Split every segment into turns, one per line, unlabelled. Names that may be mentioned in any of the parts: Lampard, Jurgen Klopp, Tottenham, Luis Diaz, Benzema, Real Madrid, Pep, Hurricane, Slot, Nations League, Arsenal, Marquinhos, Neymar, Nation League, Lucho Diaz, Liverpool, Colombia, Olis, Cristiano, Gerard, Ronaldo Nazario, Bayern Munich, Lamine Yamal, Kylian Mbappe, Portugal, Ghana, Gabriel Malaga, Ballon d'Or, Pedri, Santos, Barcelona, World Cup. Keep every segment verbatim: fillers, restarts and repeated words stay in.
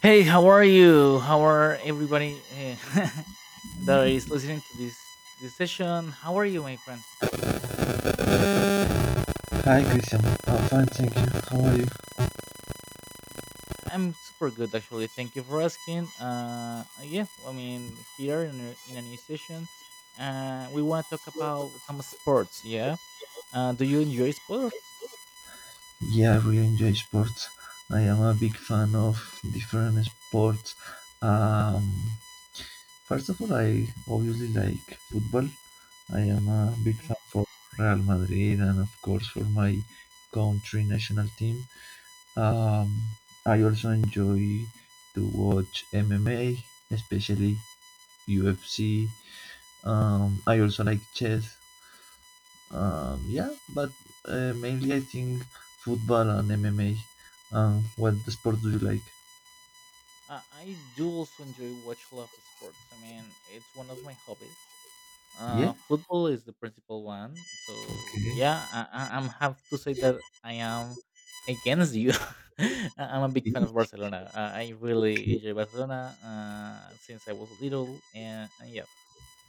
Hey, how are you? How are everybody eh, that is listening to this this session? How are you, my friend?
Hi Christian, I'm fine, thank you. How are you?
I'm super good, actually. Thank you for asking. Uh, yeah, I mean, here in a, in a new session, uh, we want to talk about some sports. Yeah, uh, do you enjoy sports?
Yeah, I really enjoy sports. I am a big fan of different sports. Um, First of all, I obviously like football. I am a big
Mm.
fan for Real Madrid and of course for my country national team. Um, I also enjoy to watch M M A, especially U F C. Um, I also like chess. Um, yeah, but uh, mainly I think football and M M A. Um, what the sport do you like?
Uh, I do also enjoy watch a lot of sports. I mean, it's one of my hobbies.
Yeah.
Uh, football is the principal one. So
Okay.
yeah, I, I, I'm have to say that I am against you. I- I'm a big fan of Barcelona. Uh, I really
Okay.
enjoy Barcelona uh, since I was little, and, and yeah,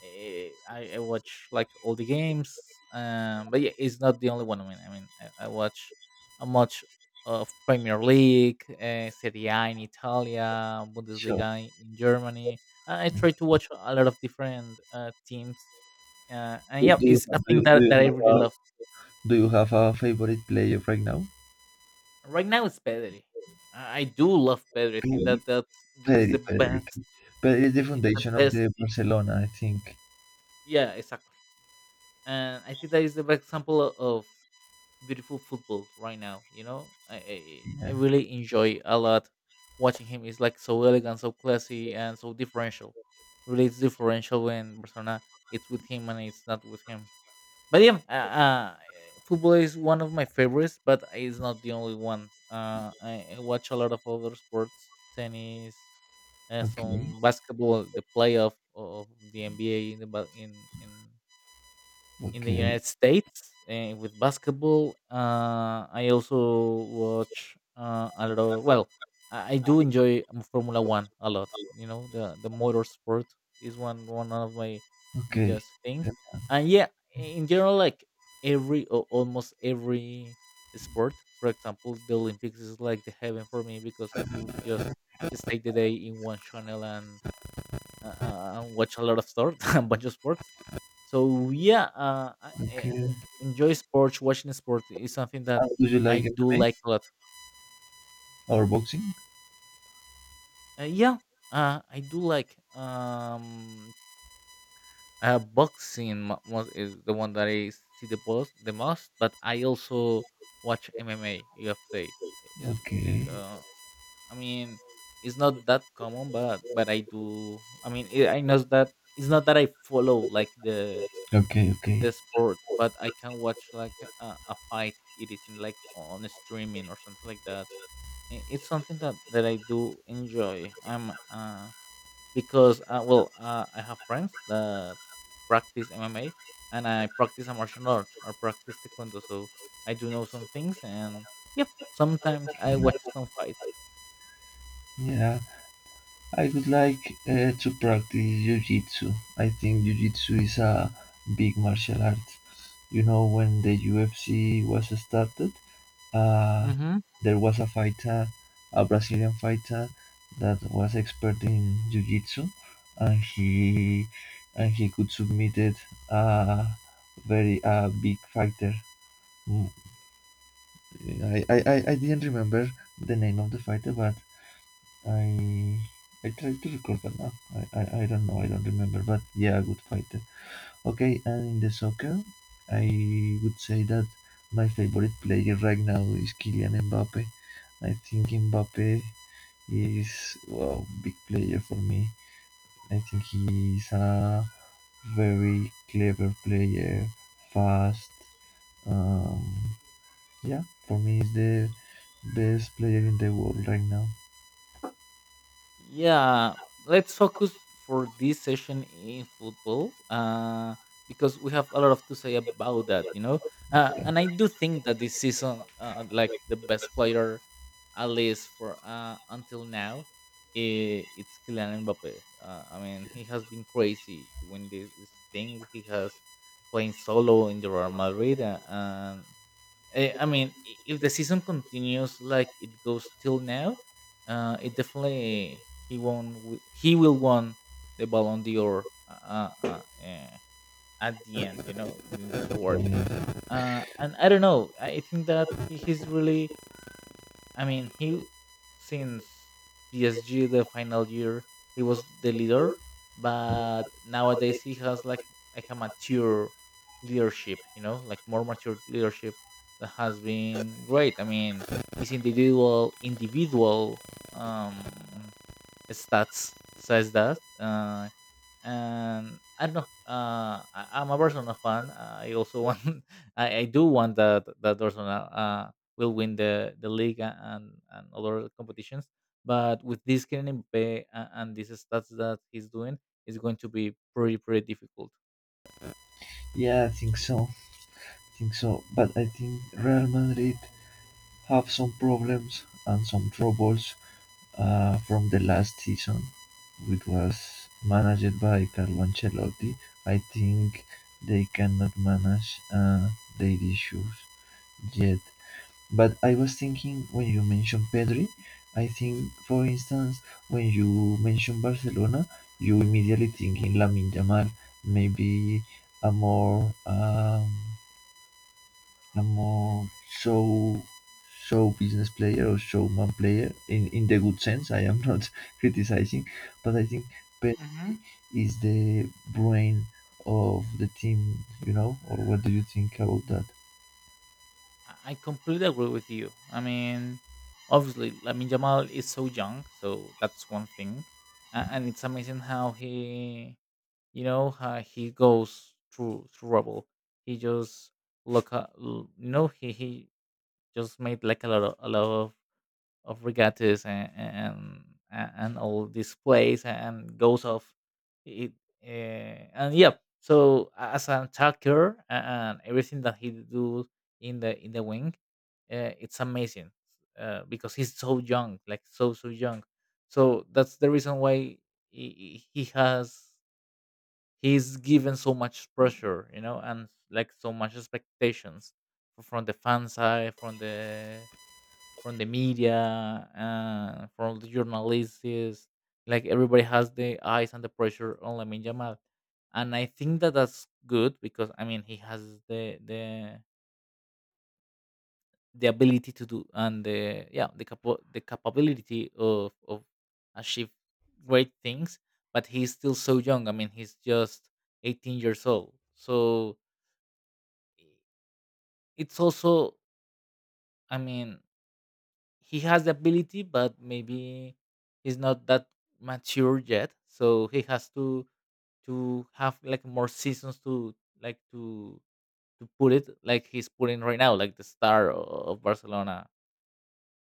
eh, I, I watch like all the games. Um, but yeah, it's not the only one. I mean, I mean, I, I watch a much of Premier League, uh, Serie A in Italia,
Sure.
Bundesliga in Germany. I I try to watch a lot of different uh, teams uh, and
Do,
yeah,
do you
it's a
have, do,
thing
you, do
that,
you
that I
have
really
a,
love.
do you have a favorite player right now?
Right now, it's Pedri. I, I do love Pedri. I think
Pedri,
that that's the, is
Pedri,
the
Pedri, okay.
best.
Pedri is the
It's the
foundation of
best.
the Barcelona, I think.
Yeah, exactly. And I think that is the best example o- of beautiful football right now. You know, I I,
Yeah.
I really enjoy a lot watching him. It's like so elegant, so classy, and so differential. Really, it's differential when Barcelona it's with him and it's not with him. But yeah, uh, uh, football is one of my favorites, but it's not the only one. Uh, I, I watch a lot of other sports, tennis, uh,
Okay. Mhm.
some basketball, the playoff of the N B A in the ba- in in in the
Okay.
United States uh, with basketball. Uh, I also watch uh, a lot of well, I, I do enjoy um, Formula One a lot. You know, the the motorsport is one one of my
Okay.
biggest things.
Yeah.
And yeah, in general, like every or almost every sport. For example, the Olympics is like the heaven for me because I could just just take the day in one channel and uh, uh, and watch a lot of sport, a bunch of sports. So yeah, uh, I, I
Okay.
en- enjoy sports. Watching sports is something that
How do you
I
like
do
M M A
like a lot.
or boxing?
Uh, yeah, uh, I do like um uh, boxing mo- most is the one that I see the most, the most. But I also watch M M A, U F C. Is
Okay.
uh, I mean, it's not that common, but but I do. I mean, I I know that it's not that I follow like the
Okay. Okay.
the sport, but I can watch like a, a fight. It isn't like on a streaming or something like that. I- It's something that that I do enjoy. I'm uh because uh, well uh, I have friends that practice M M A and I practice a martial art or practice taekwondo, so I do know some things and yeah, sometimes I watch
Okay.
some fights.
Yeah. I would like uh, to practice jiu-jitsu. I think jiu-jitsu is a big martial art. You know, when the U F C was started, uh,
Mm-hmm.
there was a fighter, a Brazilian fighter, that was expert in jiu-jitsu, and he and he could submitted a very a big fighter. Mm, I, I, I I didn't remember the name of the fighter, but I I try to recall, but now I, I I don't know. I don't remember, but yeah, good fighter. Okay, and in the soccer, I would say that my favorite player right now is Kylian Mbappe. I think Mbappe is a well big player for me. I think he is a very clever player, fast. Um, yeah, for me he's the best player in the world right now.
Yeah, let's focus for this session in football uh, because we have a lot of to say about that, you know. Uh, and I do think that this season, uh, like the best player, at least for uh, until now, i- it's Kylian Mbappe. Uh, I mean, he has been crazy doing this, this thing. He has playing solo in the Real Madrid, uh, and Eh, I mean, i- if the season continues like it goes till now, uh, it definitely he won wi- he will won the Ballon d'Or uh, uh, uh, eh, at the end, you know, in this award.
Yeah,
Uh, and I don't know. I think that he, he's really. I mean, he since P S G the final year he was the leader, but nowadays he has like like a mature leadership, you know, like more mature leadership that has been great. I mean, his individual individual um stats says that. Uh, and I don't know. Uh, I, I'm a Barcelona fan. I also want. I, I do want that that Barcelona uh, will win the the league a- and and other competitions. But with this Kylian Mbappe a- and these stats that he's doing, it's going to be pretty pretty difficult.
yeah, I think so. think so. But I think Real Madrid have some problems and some troubles uh, from the last season, which was managed by Carlo Ancelotti. I think they cannot manage uh, their issues yet. But I was thinking when you mentioned Pedri, I think, for instance, when you mention Barcelona, you immediately think in Lamine Yamal, maybe a more um, I'm more show show business player or showman player in, in the good sense. I am not criticizing, but I think Pep
Hmm.
is the brain of the team, you know, or what do you think about that?
I I completely agree with you. I mean, obviously, Lamin Jamal is so young, so that's one thing, A- and it's amazing how he, you know, uh, he goes through trouble. He just look up, you know, he he just made like a lot of a lot of, of regattas and and and and all displays and goes off it, uh, and yeah, so a- as an attacker a- and everything that he do in the in the wing, uh, it's amazing, uh, because he's so young, like so so young. So that's the reason why he, he he has. He's given so much pressure, you know, and like so much expectations f- from the fan side, from the from the media, uh, from the journalists. Like everybody has the eyes and the pressure on Lamin Jamal, and I think that that's good because I mean he has the the the ability to do and the yeah the capa- the capability of of achieve great things, but he's still so young. I mean he's just eighteen years old, so i- it's also. I mean he has the ability, but maybe he's not that mature yet, so he has to to have like more seasons to like to to put it like he's putting right now, like the star o- of Barcelona.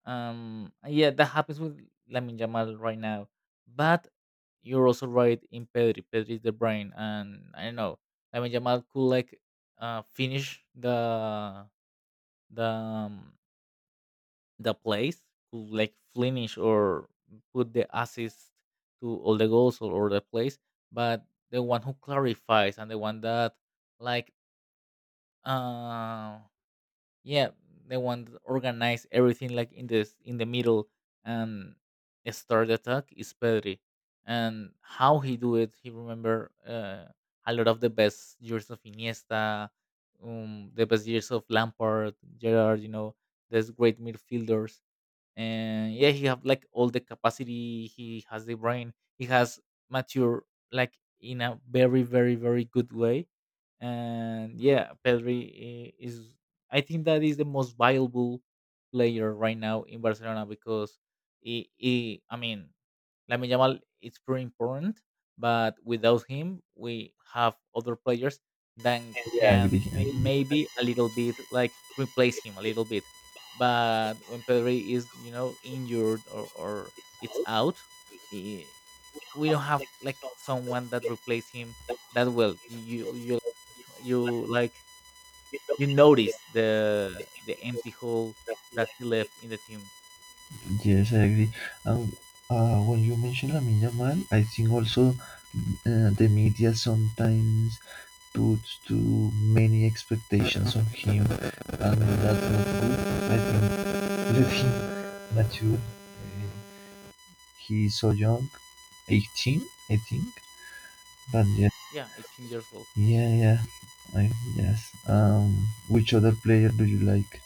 Um, yeah, that happens with Lamin Jamal right now. But you're also right in Pedri. Pedri is the brain, and I don't know. Lamin Jamal could like uh, finish the the um, the plays, could like finish or put the assist to all the goals or, or the plays. But the one who clarifies and the one that like. uh yeah the one that organized everything like in this in the middle and start the attack is Pedri. And how he do it, he remember uh, a lot of the best years of Iniesta, um, the best years of Lampard, Gerard, you know, these great midfielders. And yeah, he have like all the capacity, he has the brain, he has mature like in a very very very good way. And yeah, Pedri i- is, I think that is the most viable player right now in Barcelona because he, he I mean Lamine Yamal it's pretty important, but without him we have other players that
I
can
agree. I agree.
maybe a little bit like replace him a little bit. But when Pedri is, you know, injured or, or it's out, eh, we don't have like someone that replace him that well. You you you like you notice the the empty hole that he left in the team.
Yes, I agree. And uh, when you mention Lamine Yamal, I think also uh, the media sometimes puts too many expectations on him, and that's not good. I think the film mature. Uh, he's so young, eighteen, I think. But yeah,
Yeah, eighteen years old.
yeah, yeah. I, yes. Um, which other player do you like?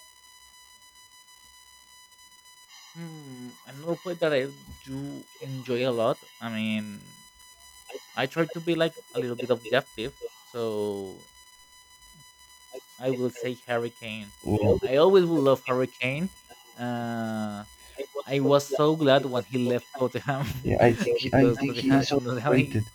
Hmm, another play that I do enjoy a lot. I mean, I try to be like a little bit objective, so I will say Hurricane.
Well,
I always will love Hurricane. Uh. I was so glad when he left Tottenham.
yeah, I think I
Because
think he
Tottenham,
is
in Tottenham
overrated.
he-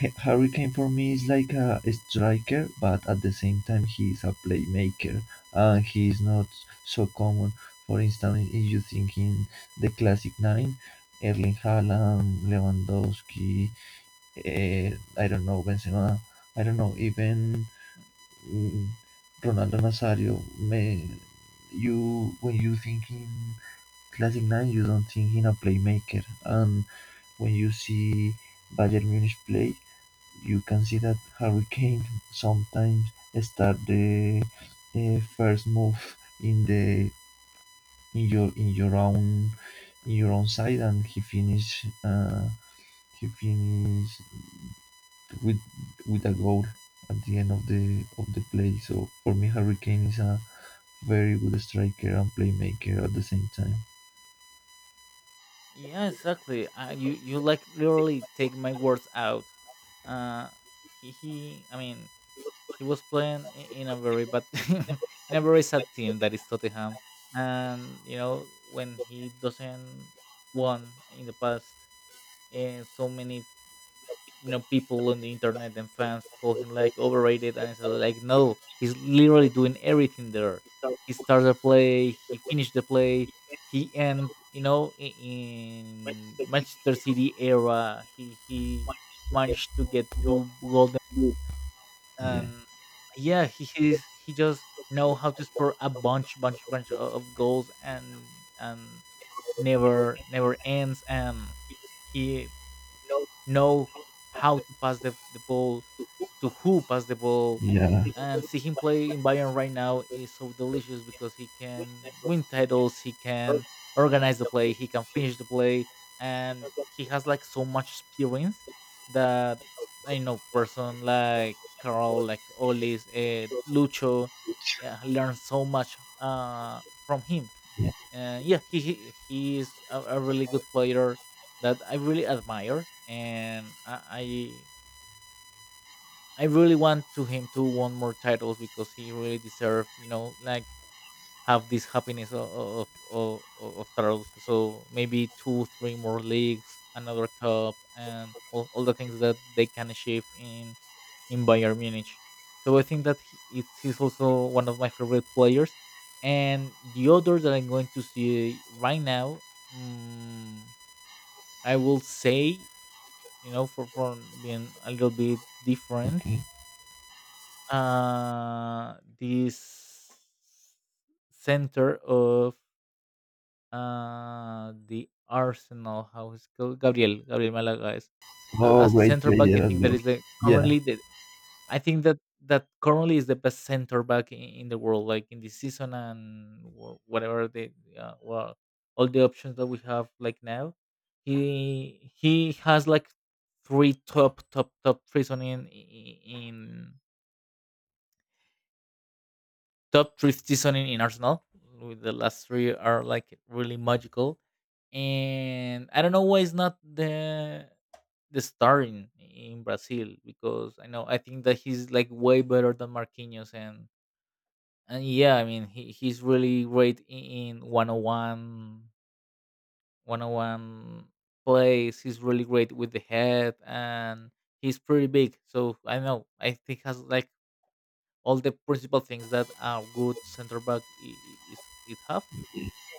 Ha- Harry Kane for me is like a striker, but at the same time he is a playmaker, and he is not so common. For instance, if you think in the classic nine, Erling Haaland, Lewandowski, eh, I don't know, Benzema, I don't know, even mm, Ronaldo Nazario, may, you when you think in classic nine, you don't think in a playmaker, and when you see Bayern Munich play, you can see that Harry Kane sometimes start the uh, first move in the in your in your own in your own side, and he finish uh, he finish with with a goal at the end of the of the play. So for me, Harry Kane is a very good striker and playmaker at the same time.
yeah, exactly. Uh, you you like literally take my words out. Uh, he, he, I mean, he was playing i- in a very bad in a very sad team that is Tottenham. And you know when he doesn't won in the past in so many, you know, people on the internet and fans call him like overrated. And it's uh, like, no, he's literally doing everything there. He starts a play, he finished the play. He, and you know, i- in Manchester City era, he he managed to get two golden boots.
Yeah,
And yeah, he he's, he just know how to score a bunch bunch bunch o- of goals and and never never ends. And he know how to pass the, the ball, to who pass the ball.
yeah,
And see him play in Bayern right now is so delicious because he can win titles, he can organize the play, he can finish the play, and he has like so much experience that I know person like Carl, like Olis, uh, Lucho, uh, learn so much uh, from him.
yeah.
And yeah, he he, he is a, a really good player that I really admire, and I, I I really want to him to won more titles because he really deserve, you know, like have this happiness of of, of, of titles. So maybe two, three more leagues, another cup, and all, all the things that they can achieve in in Bayern Munich. So I think that he, it's, he's also one of my favorite players. And the other that I'm going to see right now, mm, I will say, you know, for for being a little bit different,
Okay.
uh, this center of uh, the Arsenal, how is called, Gabriel, Gabriel Malaga, is uh,
Oh,
as a
great
center back. I
player as
think that
well.
is the
Yeah.
currently the I think that that currently is the best center back in, in the world, like in this season and wh- whatever the uh, well, all the options that we have like now. He he has like three top top top three season in, in top three season in, in Arsenal. With the last three are like really magical, and I don't know why it's not the the star in, in Brazil, because I know I think that he's like way better than Marquinhos, and and yeah, I mean he, he's really great in one oh one, one oh one plays. He's really great with the head, and he's pretty big, so I know I think has like all the principal things that a good center back I- I- is it have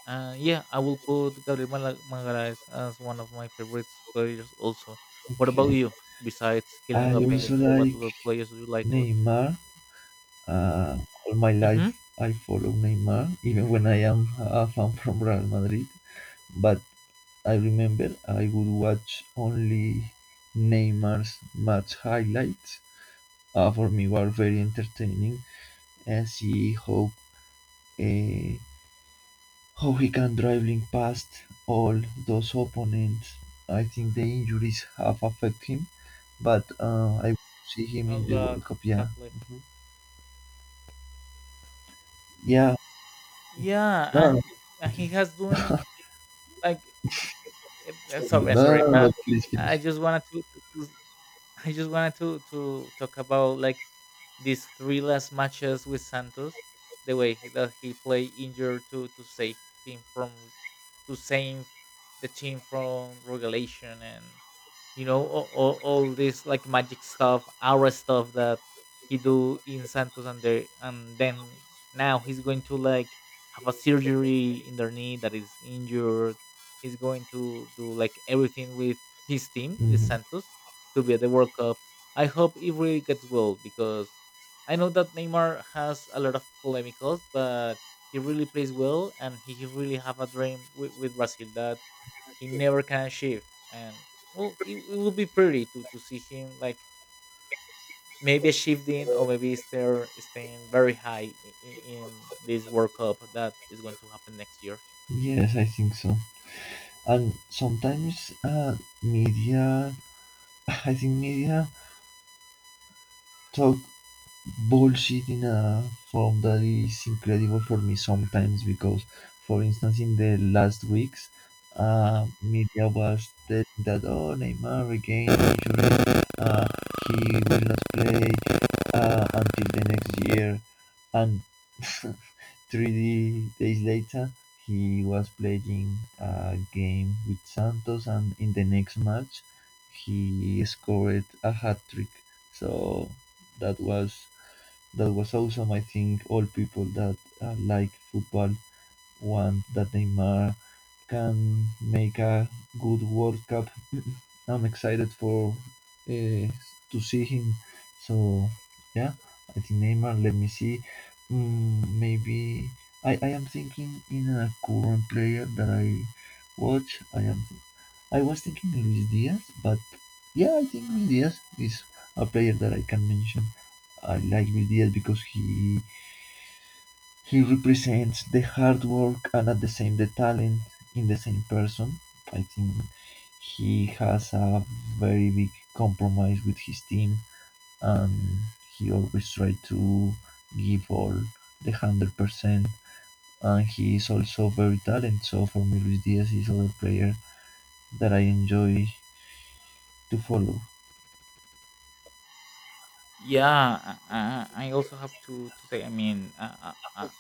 uh, yeah I will put gabriel Mala- magalhaes as one of my favorite players also. What about
Okay.
you? Besides Kylian
I also
Mbappe, what
like
other players do you like a lot?
Neymar. Uh, all my
Mm-hmm.
life I follow Neymar, even when I am a fan from Real Madrid. But I remember I would watch only Neymar's match highlights. Uh, for me, were very entertaining and see how uh, how he can dribbling past all those opponents. I think the injuries have affected him, but uh, I see him
A
in the
lot.
World Cup. Yeah.
Exactly.
Mhm. Yeah.
Yeah,
No, no,
and
no,
he and he has doing like eh, eh, sorry,
no,
sorry,
no, no,
but
please,
I
please.
just wanted to, to to- I just wanted to to talk about like these three last matches with Santos, the way he- that he played injured to to save him from to save the team from relegation. And you know, all, all, all this like magic stuff, aura stuff that he do in Santos. And there and then now he's going to like have a surgery in their knee that is injured. He's going to do like everything with his team, the
Hmm.
Santos, to be at the World Cup. I hope it really gets well, because I know that Neymar has a lot of polemicals, but he really plays well, and he he really have a dream with, with Brazil that he never can shift. And well, it, it would be pretty to, to see him, like maybe shifting or maybe stay, staying very high in, in this World Cup that is going to happen next year.
Yes, I think so. And sometimes uh, media, I think media Chao, bullshit in a form that is incredible for me sometimes because, for instance, in the last weeks, uh, media was telling that, oh, Neymar regained injury, uh, he will not play uh, until the next year, and three days later he was playing a game with Santos, and in the next match he scored a hat trick. So that was that was awesome. I think all people that uh, like football want that Neymar can make a good World Cup. I'm excited for uh, to see him. So yeah, I think Neymar. Let me see. Mm, maybe I, I am thinking in a current player that I watch. I am I was thinking Luis Diaz, but yeah, I think Luis Diaz is a player that I can mention. I like Luis Diaz because he he represents the hard work and at the same the talent in the same person. I think he has a very big compromise with his team, and he always try to give all the one hundred percent, and he is also very talented. So for me Luis Diaz is other player that I enjoy to follow.
Yeah, I, I I also have to to say. I mean, uh, uh, uh,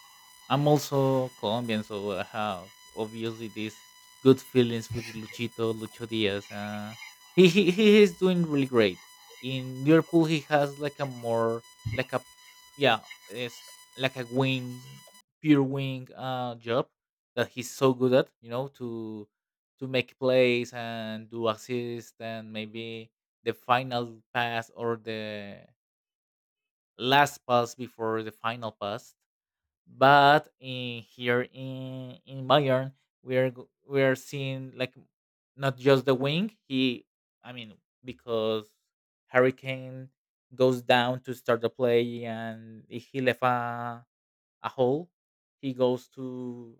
I'm also Colombian, so I have obviously these good feelings with Luchito Lucho Diaz. Uh, he he he is doing really great in Liverpool. He has like a more like a yeah, it's like a wing, pure wing uh job that he's so good at. You know, to to make plays and do assist, and maybe the final pass or the last pass before the final pass. But in here in in Bayern, we are go- we are seeing like not just the wing. He, I mean, because Hurricane goes down to start the play, and if he left a, a hole, he goes to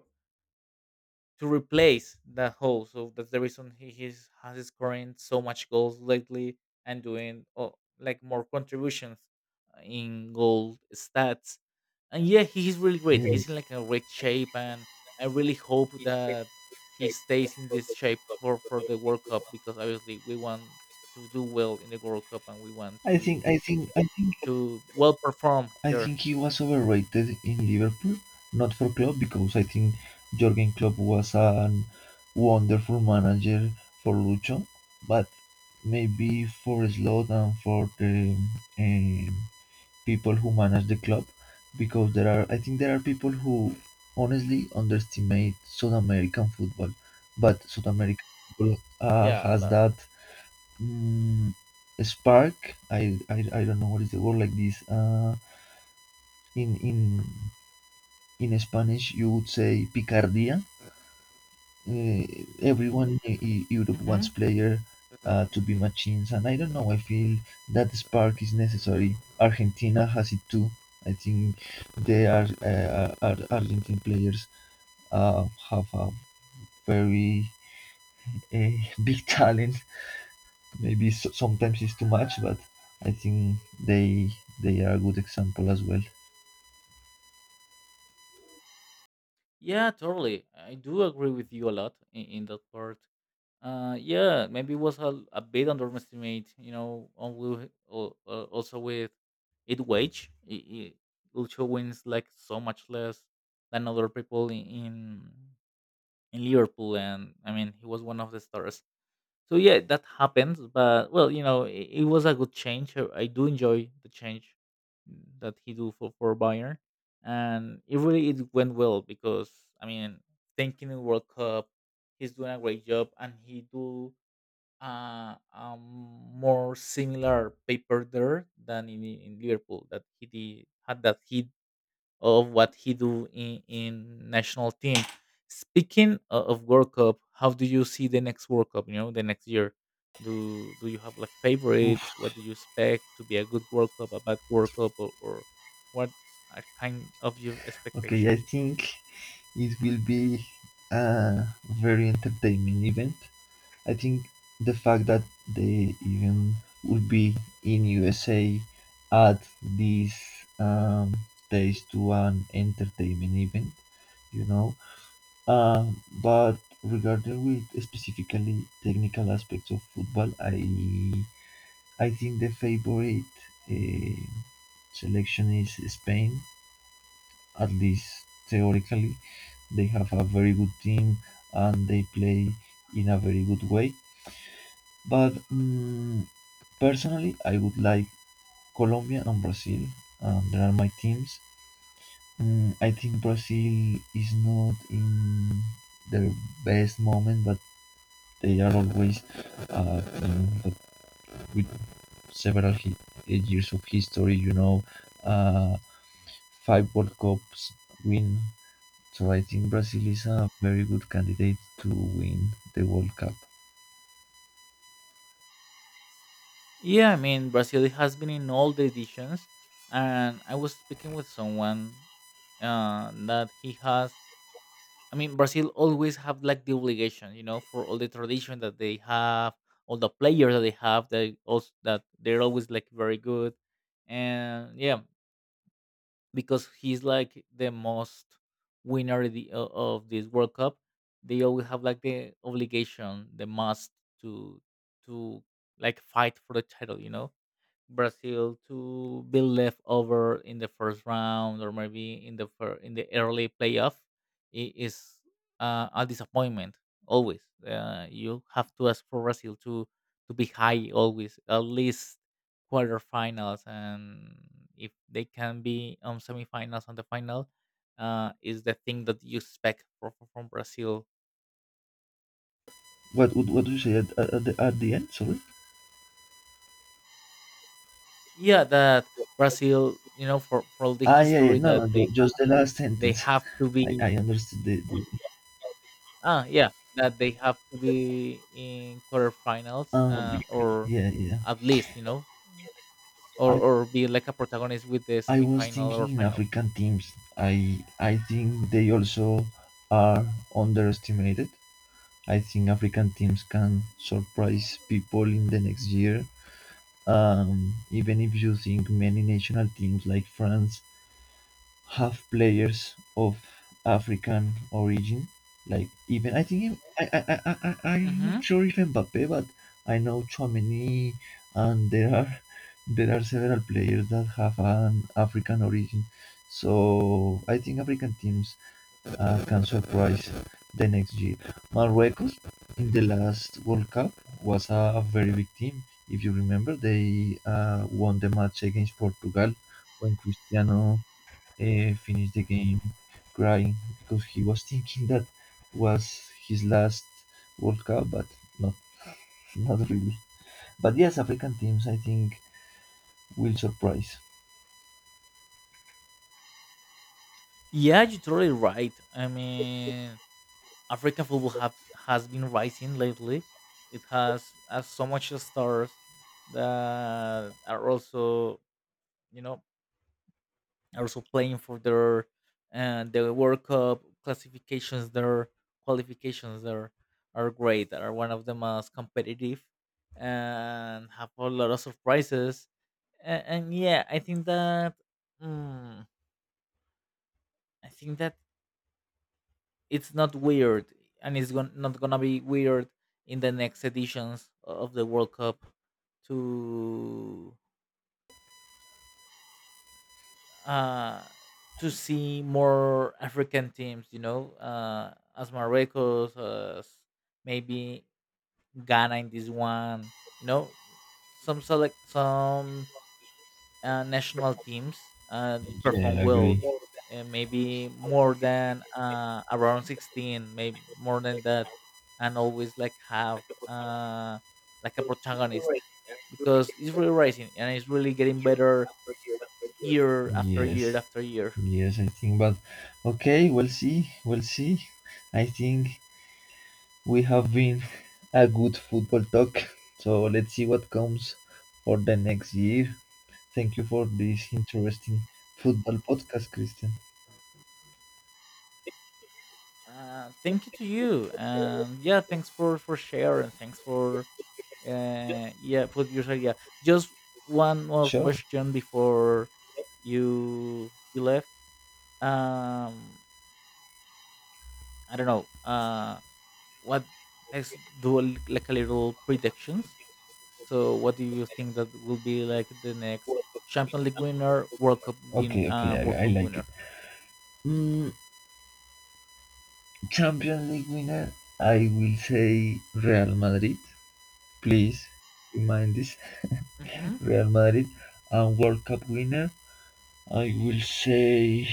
to replace that hole. So that's the reason he he's, has scoring so much goals lately, and doing oh, like more contributions uh, in goal stats. And yeah, he's really great.
Yes.
He's in like a great shape, and I really hope that he stays in this shape for for the World Cup, because obviously we want to do well in the World Cup, and we want
I
to
think I think I think
to well perform
I
there.
think he was overrated in Liverpool, not for Klopp because I think Jurgen Klopp was a wonderful manager for Lucho, but maybe for Slot and for the um, people who manage the club, because there are I think there are people who honestly underestimate South American football, but South American football uh,
Yeah, a
has
lot.
that mm spark. I, I I don't know what is the word like this. Uh, in in in Spanish you would say picardia. Uh, Everyone in E- Europe wants
Hmm.
player uh, to be machines, and I don't know. I feel that spark is necessary. Argentina has it too. I think they are uh, Ar- Argentine players uh, have a very uh, big talent. Maybe s sometimes it's too much, but I think they they are a good example as well.
Yeah, totally. I do agree with you a lot in, in that part. Uh, yeah, maybe it was a, a bit underestimate, you know, on will al- uh, also with it wage, it, Lucho wins like so much less than other people in, in in Liverpool, and I mean he was one of the stars. So yeah, that happens. But well, you know, it, it was a good change. I I do enjoy the change that he do for for Bayern, and it really it went well because I mean, thinking in World Cup, he's doing a great job. And he do uh, um, more similar paper there than in, in Liverpool, that he did, had that hit of what he do in, in national team. Speaking o- of World Cup, how do you see the next World Cup? You know, the next year. Do do you have like favorites?
Oof.
What do you expect to be a good World Cup, a bad World Cup, or, or what are kind of your
Okay, I
expectations?
think it will be a very entertaining event. I think the fact that they even would be in U S A add this um, taste to an entertainment event, you know. Um, but regarding with specifically technical aspects of football, I I think the favorite uh, selection is Spain, at least theoretically. They have a very good team and they play in a very good way. But mm, personally, I would like Colombia and Brazil. Um, there are my teams. Mm, I think Brazil is not in their best moment, but they are always uh, team that with several hi- years of history, you know, uh, five World Cups win. So I think Brazil is a very good candidate to win the World Cup.
Yeah, I mean, Brazil has been in all the editions, and I was speaking with someone uh, that he has. I mean, Brazil always have like the obligation, you know, for all the tradition that they have, all the players that they have, they also that they're always like very good. And yeah, because he's like the most winner the, o- of this World Cup, they always have like the obligation, the must to to like fight for the title. You know, Brazil to be left over in the first round, or maybe in the fir- in the early playoff i- is uh, a disappointment always. Uh, you have to ask for Brazil to to be high always, at least quarterfinals, and if they can be on semifinals on the final, uh, is the thing that you expect from, from Brazil.
What what what do you say at, at the at the end? Sorry.
Yeah, that Brazil, you know, for for all the
Ah, yeah, yeah.
history
No, no,
that
ju-
they
just the last
they
sentence.
have to
I
be.
I understood the. the
Ah, yeah, that they have to be in quarterfinals,
um,
uh, or
yeah, yeah.
at least you know,
I
or or be like a protagonist with the
I was
semifinal or
thinking in
final.
African teams. I I think they also are underestimated. I think African teams can surprise people in the next year. Um, even if you think many national teams like France have players of African origin. Like even I think I I I I I- I'm not
Hmm.
sure if Mbappe, but I know Chouameni, and there are there are several players that have an African origin. So I think African teams uh, can surprise the next year. Morocco's in the last World Cup was a very big team. If you remember, they uh, won the match against Portugal when Cristiano uh, finished the game crying because he was thinking that was his last World Cup, but not not really. But yes, African teams I think will surprise.
Yeah, you're totally right. I mean, African football have, has been rising lately. It has, has so much stars that are also you know also playing for their uh, the World Cup classifications. Their qualifications are are great. Are one of the most competitive, and have a lot of surprises. And, and yeah, I think that mm, I think that it's not weird, and it's gon- not gonna be weird in the next editions of the World Cup to uh, to see more African teams, you know, uh, as Morocco, as maybe Ghana in this one, you know, some select some uh, national teams uh, perform
Yeah, I
well,
agree.
uh, maybe more than uh, around sixteen, maybe more than that, and always like have uh, like a protagonist, because it's really rising and it's really getting better year after
Yes,
year after year.
yes, I think. But okay, we'll see. We'll see. I think we have been a good football talk. So let's see what comes for the next year. Thank you for this interesting football podcast, Christian.
Uh, thank you to you, and yeah, thanks for for sharing. Thanks for uh, yeah, put your idea. Just one more
Sure.
question before you you left. Um, I don't know. Uh, what Let's do a li- like a little predictions. So, what do you think that will be like the next Champions League winner, World Cup win,
Okay, okay,
uh, World
I, I
Cup
like it.
winner?
Champions League winner, I will say Real Madrid. Please remind this
Hmm.
Real Madrid. And World Cup winner, I will say.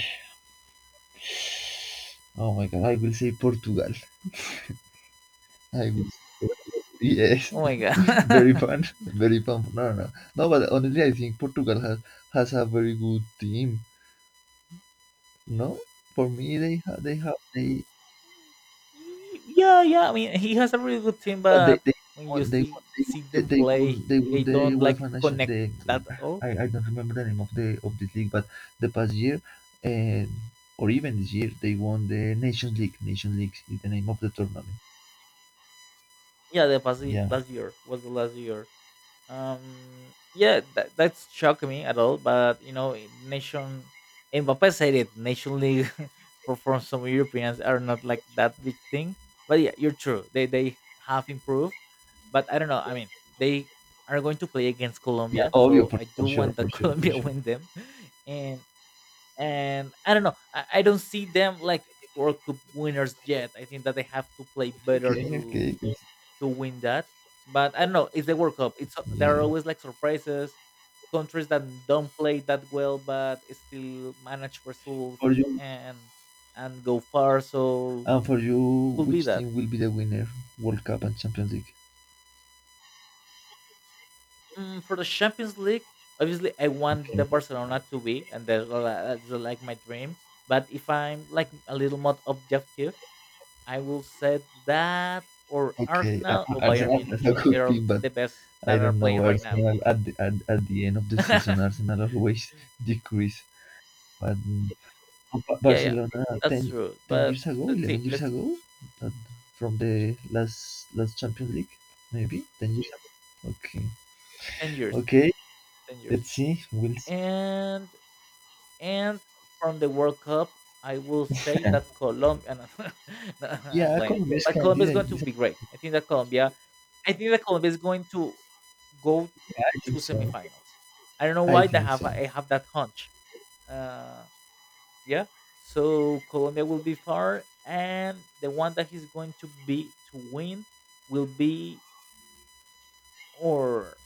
Oh my God, I will say Portugal. I will. Yes,
Oh my
very
god!
fun, very fun. No, no, no. No, but honestly, I think Portugal has has a very good team. No, for me, they have they have they.
Y- Yeah, yeah. I mean, he has a really good team,
But they
but
they
when you
won they won
see
they
see
won,
them
they won
play,
they won
they
the
don't like
UEFA nation
connect
the
that at all.
I, I don't remember the name of the of this league, but the past year and or even this year they won the Nations League. Nations League is the name of the tournament.
Yeah, the past y-
Yeah,
last year was the last year. Um, yeah, that that's shocked me at all. But you know, in nation Mbappe said it. Nation League for for some Europeans are not like that big thing. But yeah, you're true. They they have improved, but I don't know. I mean, they are going to play against
yeah,
Colombia,
obvio,
so
for,
I
for
do
sure,
want
for
that
sure, for
Colombia
sure.
win them. and and I don't know. I, I don't see them like World Cup winners yet. I think that they have to play better
Okay,
to
okay,
to win that. But I don't know. It's the World Cup. It's there
yeah.
are always like surprises, countries that don't play that well but still manage results
For you
and and go far. So
and for you,
could be
which
that.
team will be the winner? World Cup and Champions League.
Mm, for the Champions League, obviously I want the
Okay,
Barcelona to be, and that's li- that's like my dream. But if I'm like a little more objective, I will say that or
okay.
Arsenal
Ar-
or Bayern
Arsenal is a
Munich. They
good
are
team, but
the best
I
that are
don't know.
playing right now.
Arsenal at the, at, at the end of the
Yeah,
season, Arsenal always decrease. But mm,
yeah,
Barcelona
that's
ten
true.
ten
But
years ago,
let's see,
eleven years
let's
ago, uh, from the last last Champions League, maybe ten years ago. Okay,
ten years,
okay.
ten years,
Let's see. We'll see.
and and from the World Cup, I will say that Colombia. No, no, I'm
Yeah,
lying,
Colombia is
but Colombia is
candidate.
going to be great. I think that Colombia, I think that Colombia is going to go
I
to
think so.
semifinals. I don't know
I
why they
think
have.
so.
I have that hunch. Uh, yeah, so Colombia will be far, and the one that he's going to be to win will be or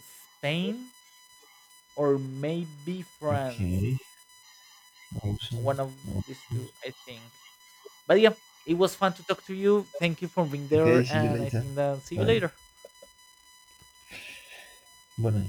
Spain or maybe
Okay.
France,
Awesome.
one of these
Awesome.
two I think. But yeah, it was fun to talk to you. Thank you for being
Okay.
there,
See you
and I
later.
think then see you
Bye.
later.
Bye.